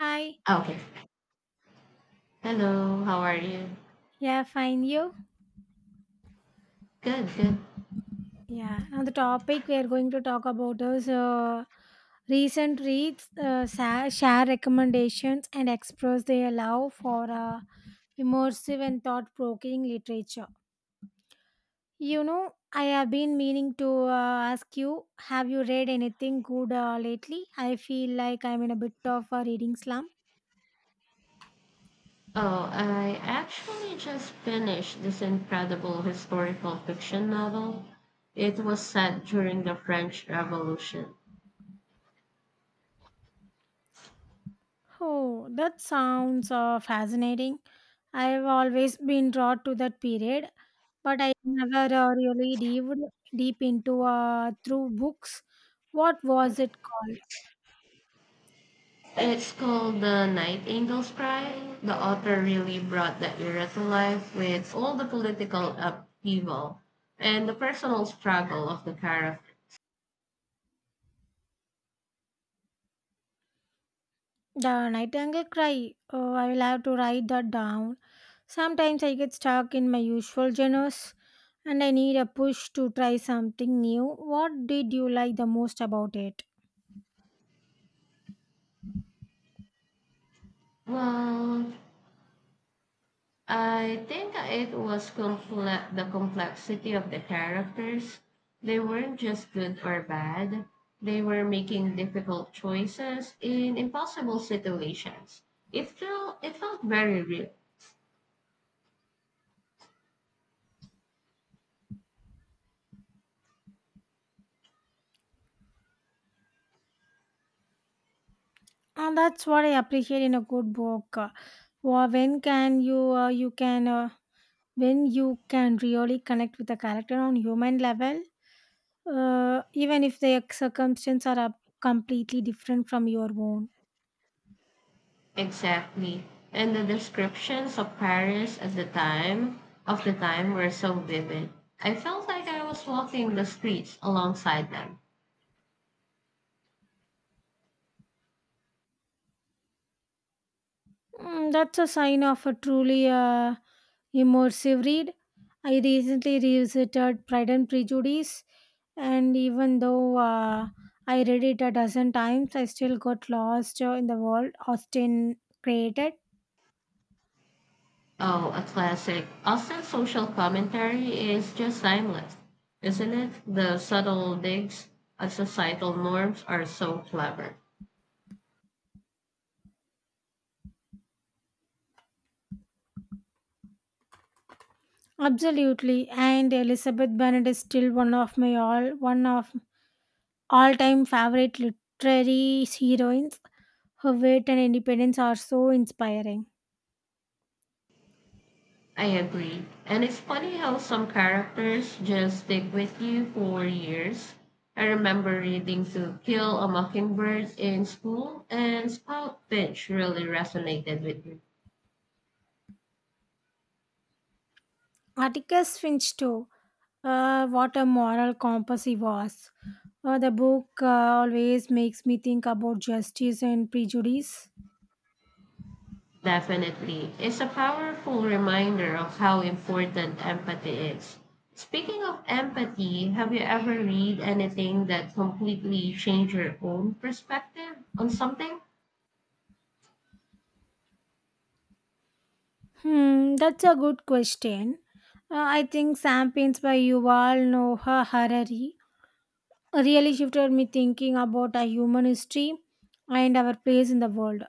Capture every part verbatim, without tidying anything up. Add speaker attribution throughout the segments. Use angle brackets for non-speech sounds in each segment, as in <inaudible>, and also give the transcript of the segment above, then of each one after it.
Speaker 1: Hi.
Speaker 2: Oh, okay. Hello, how are you?
Speaker 1: Yeah, fine. You?
Speaker 2: Good, good.
Speaker 1: Yeah. Now the topic we are going to talk about is uh, recent reads, uh, sa- share recommendations, and express their love for uh, immersive and thought-provoking literature. You know, I have been meaning to uh, ask you: Have you read anything good uh, lately? I feel like I'm in a bit of a reading slump.
Speaker 2: Oh, I actually just finished this incredible historical fiction novel. It was set during the French Revolution.
Speaker 1: Oh, that sounds uh, fascinating. I've always been drawn to that period. But I never uh, really dived deep into uh, through books. What was it called?
Speaker 2: It's called The Nightingale's Cry. The author really brought the era to life with all the political upheaval and the personal struggle of the characters.
Speaker 1: The Nightingale Cry. Oh, I will have to write that down. Sometimes I get stuck in my usual genres and I need a push to try something new. What did you like the most about it?
Speaker 2: Well, I think it was comple- the complexity of the characters. They weren't just good or bad. They were making difficult choices in impossible situations. It felt it felt very real.
Speaker 1: And that's what I appreciate in a good book. Uh, wh- when can you uh, you can uh, when you can really connect with the character on human level, uh, even if their circumstances are up- completely different from your own.
Speaker 2: Exactly. And the descriptions of Paris at the time of the time were so vivid. I felt like I was walking the streets alongside them.
Speaker 1: Mm, that's a sign of a truly uh, immersive read. I recently revisited Pride and Prejudice, and even though uh, I read it a dozen times, I still got lost uh, in the world Austen created.
Speaker 2: Oh, a classic. Austin's social commentary is just timeless, isn't it? The subtle digs at societal norms are so clever.
Speaker 1: Absolutely, and Elizabeth Bennet is still one of my all one of all time favorite literary heroines. Her wit and independence are so inspiring.
Speaker 2: I agree. And it's funny how some characters just stick with you for years. I remember reading To Kill a Mockingbird in school, and Spout Finch really resonated with me.
Speaker 1: Atticus Finch, too. Uh, what a moral compass he was. Uh, the book uh, always makes me think about justice and prejudice.
Speaker 2: Definitely. It's a powerful reminder of how important empathy is. Speaking of empathy, have you ever read anything that completely changed your own perspective on something?
Speaker 1: Hmm, that's a good question. Uh, I think Sam Paints by Yuval Noah Harari really shifted me thinking about our human history and our place in the world.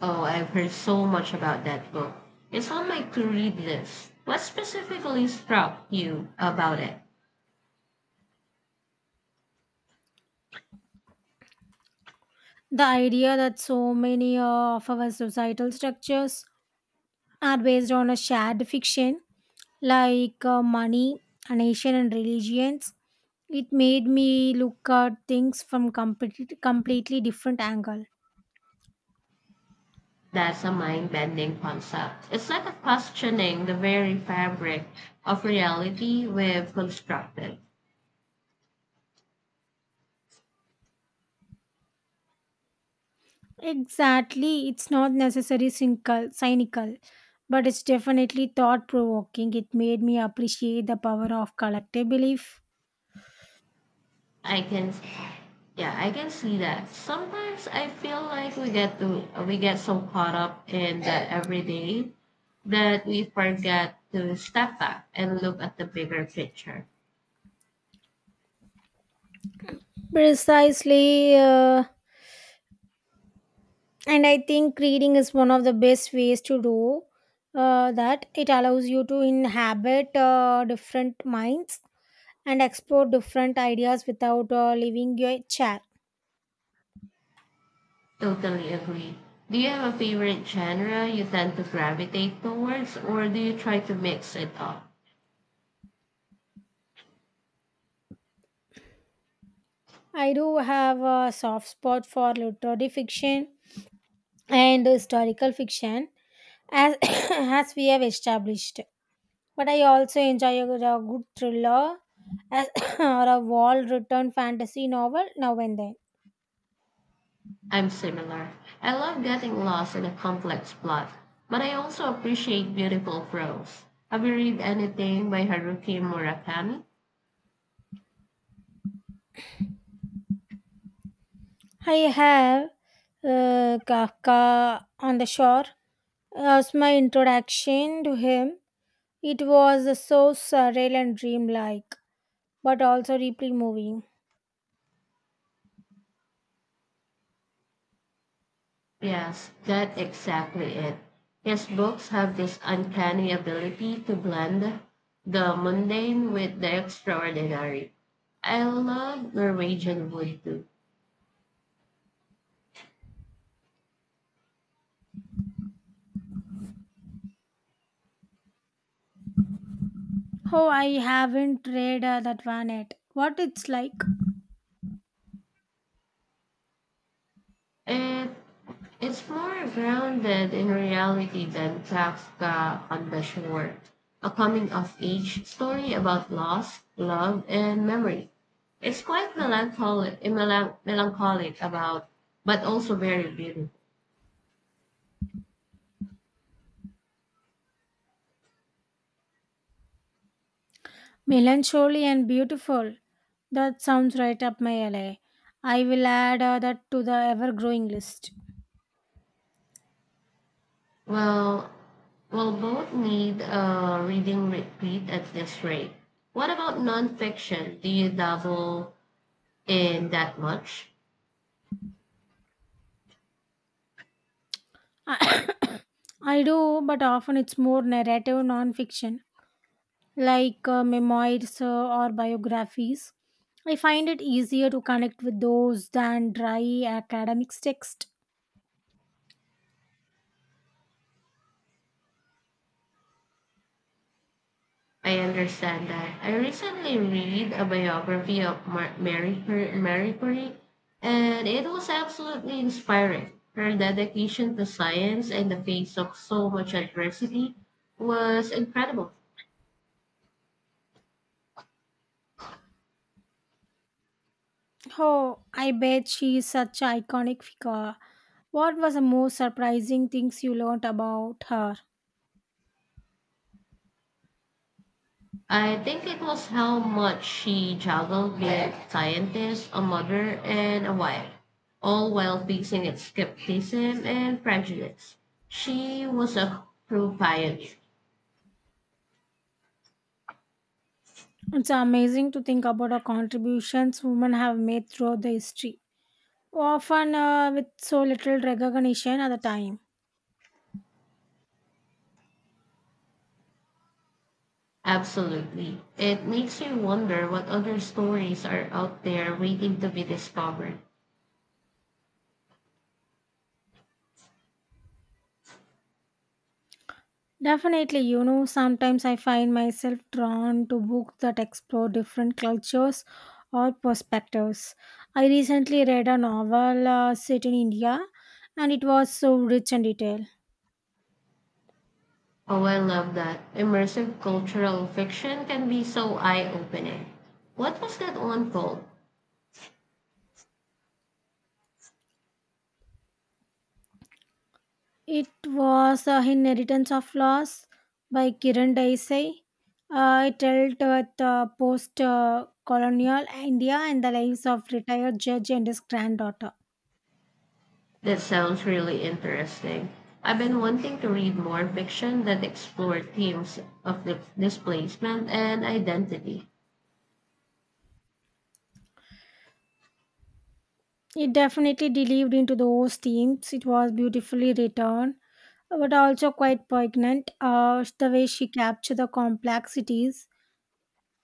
Speaker 2: Oh, I've heard so much about that book. It's on my to read list. What specifically struck you about it?
Speaker 1: The idea that so many uh, of our societal structures are based on a shared fiction like uh, money, a nation, and religions. It made me look at things from complete, completely different angle.
Speaker 2: That's a mind bending concept. It's like a questioning the very fabric of reality we've constructed.
Speaker 1: Exactly, it's not necessarily cynical, cynical, but it's definitely thought provoking. It made me appreciate the power of collective belief.
Speaker 2: I can Yeah, I can see that. Sometimes I feel like we get to we get so caught up in the everyday that we forget to step back and look at the bigger picture.
Speaker 1: Precisely, uh, and I think reading is one of the best ways to do uh, that. It allows you to inhabit uh, different minds and explore different ideas without uh, leaving your chair.
Speaker 2: Totally agree. Do you have a favorite genre you tend to gravitate towards, or do you try to mix it up?
Speaker 1: I do have a soft spot for literary fiction and historical fiction, as <coughs> as we have established. But I also enjoy a, a good thriller as, <coughs> or a well-written fantasy novel now and then.
Speaker 2: I'm similar. I love getting lost in a complex plot, but I also appreciate beautiful prose. Have you read anything by Haruki Murakami?
Speaker 1: I have uh, Kafka on the Shore as my introduction to him. It was so surreal and dreamlike, but also deeply moving.
Speaker 2: Yes, that's exactly it. His books have this uncanny ability to blend the mundane with the extraordinary. I love Norwegian Wood too.
Speaker 1: Oh, I haven't read uh, that one yet. What it's like?
Speaker 2: It, it's more grounded in reality than Kafka on the Shore, a coming of age story about loss, love, and memory. It's quite melancholic, melan- melancholic about, but also very beautiful.
Speaker 1: Melancholy and beautiful. That sounds right up my alley. I will add uh, that to the ever-growing list.
Speaker 2: Well, we'll both need a reading repeat at this rate. What about nonfiction? Do you dabble in that much?
Speaker 1: <coughs> I do, but often it's more narrative non-fiction, like uh, memoirs uh, or biographies. I find it easier to connect with those than dry academic text.
Speaker 2: I understand that. I recently read a biography of Mar- Mary, Cur- Mary Curie, and it was absolutely inspiring. Her dedication to science in the face of so much adversity was incredible.
Speaker 1: Oh, I bet she is such an iconic figure. What was the most surprising things you learned about her?
Speaker 2: I think it was how much she juggled being a scientist, a mother, and a wife, all while facing its skepticism and prejudice. She was a true pioneer.
Speaker 1: It's amazing to think about the contributions women have made throughout the history, often uh, with so little recognition at the time.
Speaker 2: Absolutely. It makes you wonder what other stories are out there waiting to be discovered.
Speaker 1: Definitely, you know, sometimes I find myself drawn to books that explore different cultures or perspectives. I recently read a novel uh, set in India and it was so rich and detailed.
Speaker 2: Oh, I love that. Immersive cultural fiction can be so eye opening. What was that one called?
Speaker 1: It was uh, Inheritance of Loss by Kiran Desai. Uh, it dealt with uh, post uh, colonial India and the lives of retired judge and his granddaughter.
Speaker 2: That sounds really interesting. I've been wanting to read more fiction that explore themes of the displacement and identity.
Speaker 1: It definitely delved into those themes. It was beautifully written, but also quite poignant. Uh, the way she captured the complexities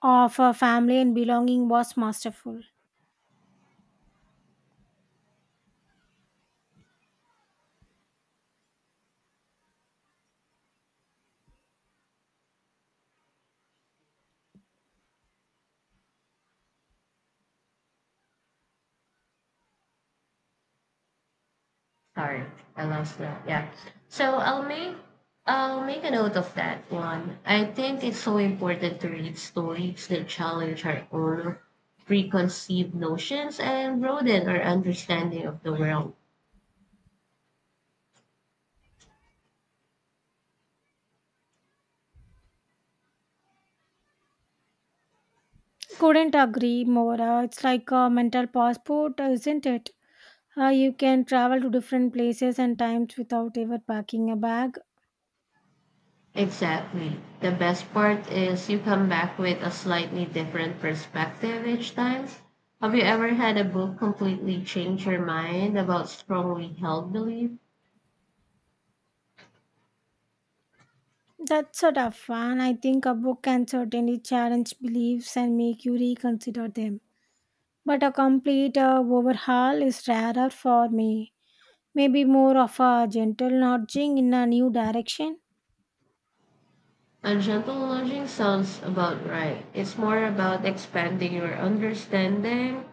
Speaker 1: of her family and belonging was masterful.
Speaker 2: Sorry, I lost that. Yeah. So I'll make I'll make a note of that one. I think it's so important to read stories that challenge our own preconceived notions and broaden our understanding of the world.
Speaker 1: Couldn't agree more. Uh, it's like a mental passport, isn't it? Uh, you can travel to different places and times without ever packing a bag.
Speaker 2: Exactly. The best part is you come back with a slightly different perspective each time. Have you ever had a book completely change your mind about strongly held belief?
Speaker 1: That's a tough one. I think a book can certainly challenge beliefs and make you reconsider them. But a complete uh, overhaul is rarer for me. Maybe more of a gentle nudging in a new direction.
Speaker 2: A gentle nudging sounds about right. It's more about expanding your understanding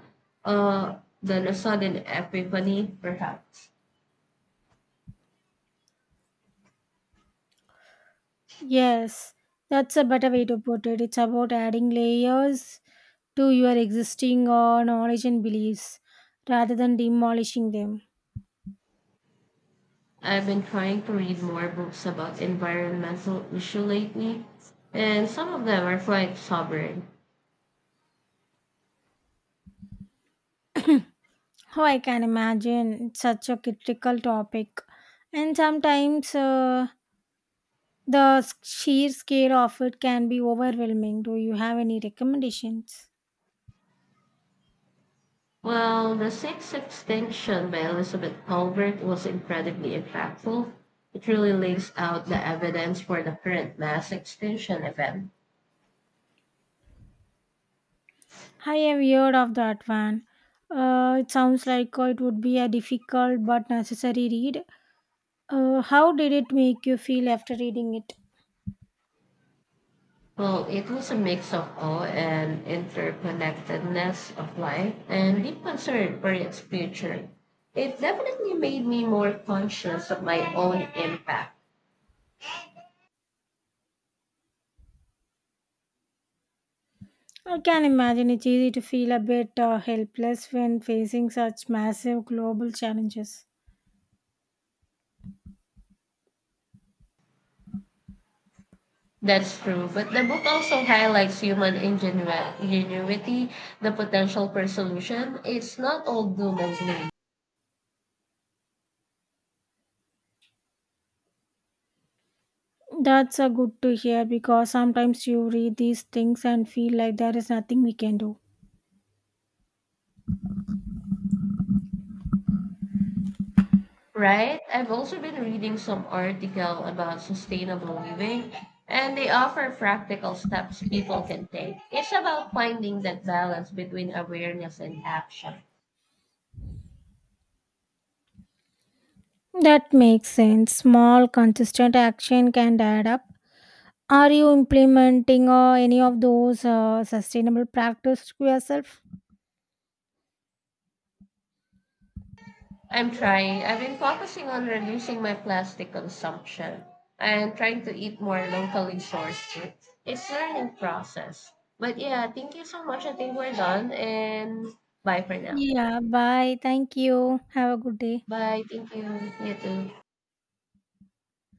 Speaker 2: uh, than a sudden epiphany, perhaps.
Speaker 1: Yes, that's a better way to put it. It's about adding layers to your existing uh, knowledge and beliefs rather than demolishing them.
Speaker 2: I've been trying to read more books about environmental issue lately, and some of them are quite sobering.
Speaker 1: Oh, I can imagine it's such a critical topic, and sometimes uh, the s- sheer scale of it can be overwhelming. Do you have any recommendations?
Speaker 2: Well, The Sixth Extinction by Elizabeth Colbert was incredibly impactful. It really lays out the evidence for the current mass extinction event.
Speaker 1: I have heard of that one. Uh, it sounds like uh, it would be a difficult but necessary read. Uh, how did it make you feel after reading it?
Speaker 2: Well, it was a mix of awe and interconnectedness of life and deep concern for its future. It definitely made me more conscious of my own impact.
Speaker 1: I can imagine it's easy to feel a bit uh, helpless when facing such massive global challenges.
Speaker 2: That's true, but the book also highlights human ingenu- ingenuity, the potential for solution. It's not all doom and gloom.
Speaker 1: That's a good to hear because sometimes you read these things and feel like there is nothing we can do.
Speaker 2: Right? I've also been reading some article about sustainable living, and they offer practical steps people can take. It's about finding that balance between awareness and action.
Speaker 1: That makes sense. Small, consistent action can add up. Are you implementing uh, any of those uh, sustainable practices to yourself?
Speaker 2: I'm trying. I've been focusing on reducing my plastic consumption and trying to eat more locally sourced food. It's a learning process. But yeah, thank you so much. I think we're done and bye for now.
Speaker 1: Yeah, bye. Thank you. Have a good day.
Speaker 2: Bye. Thank you. You too.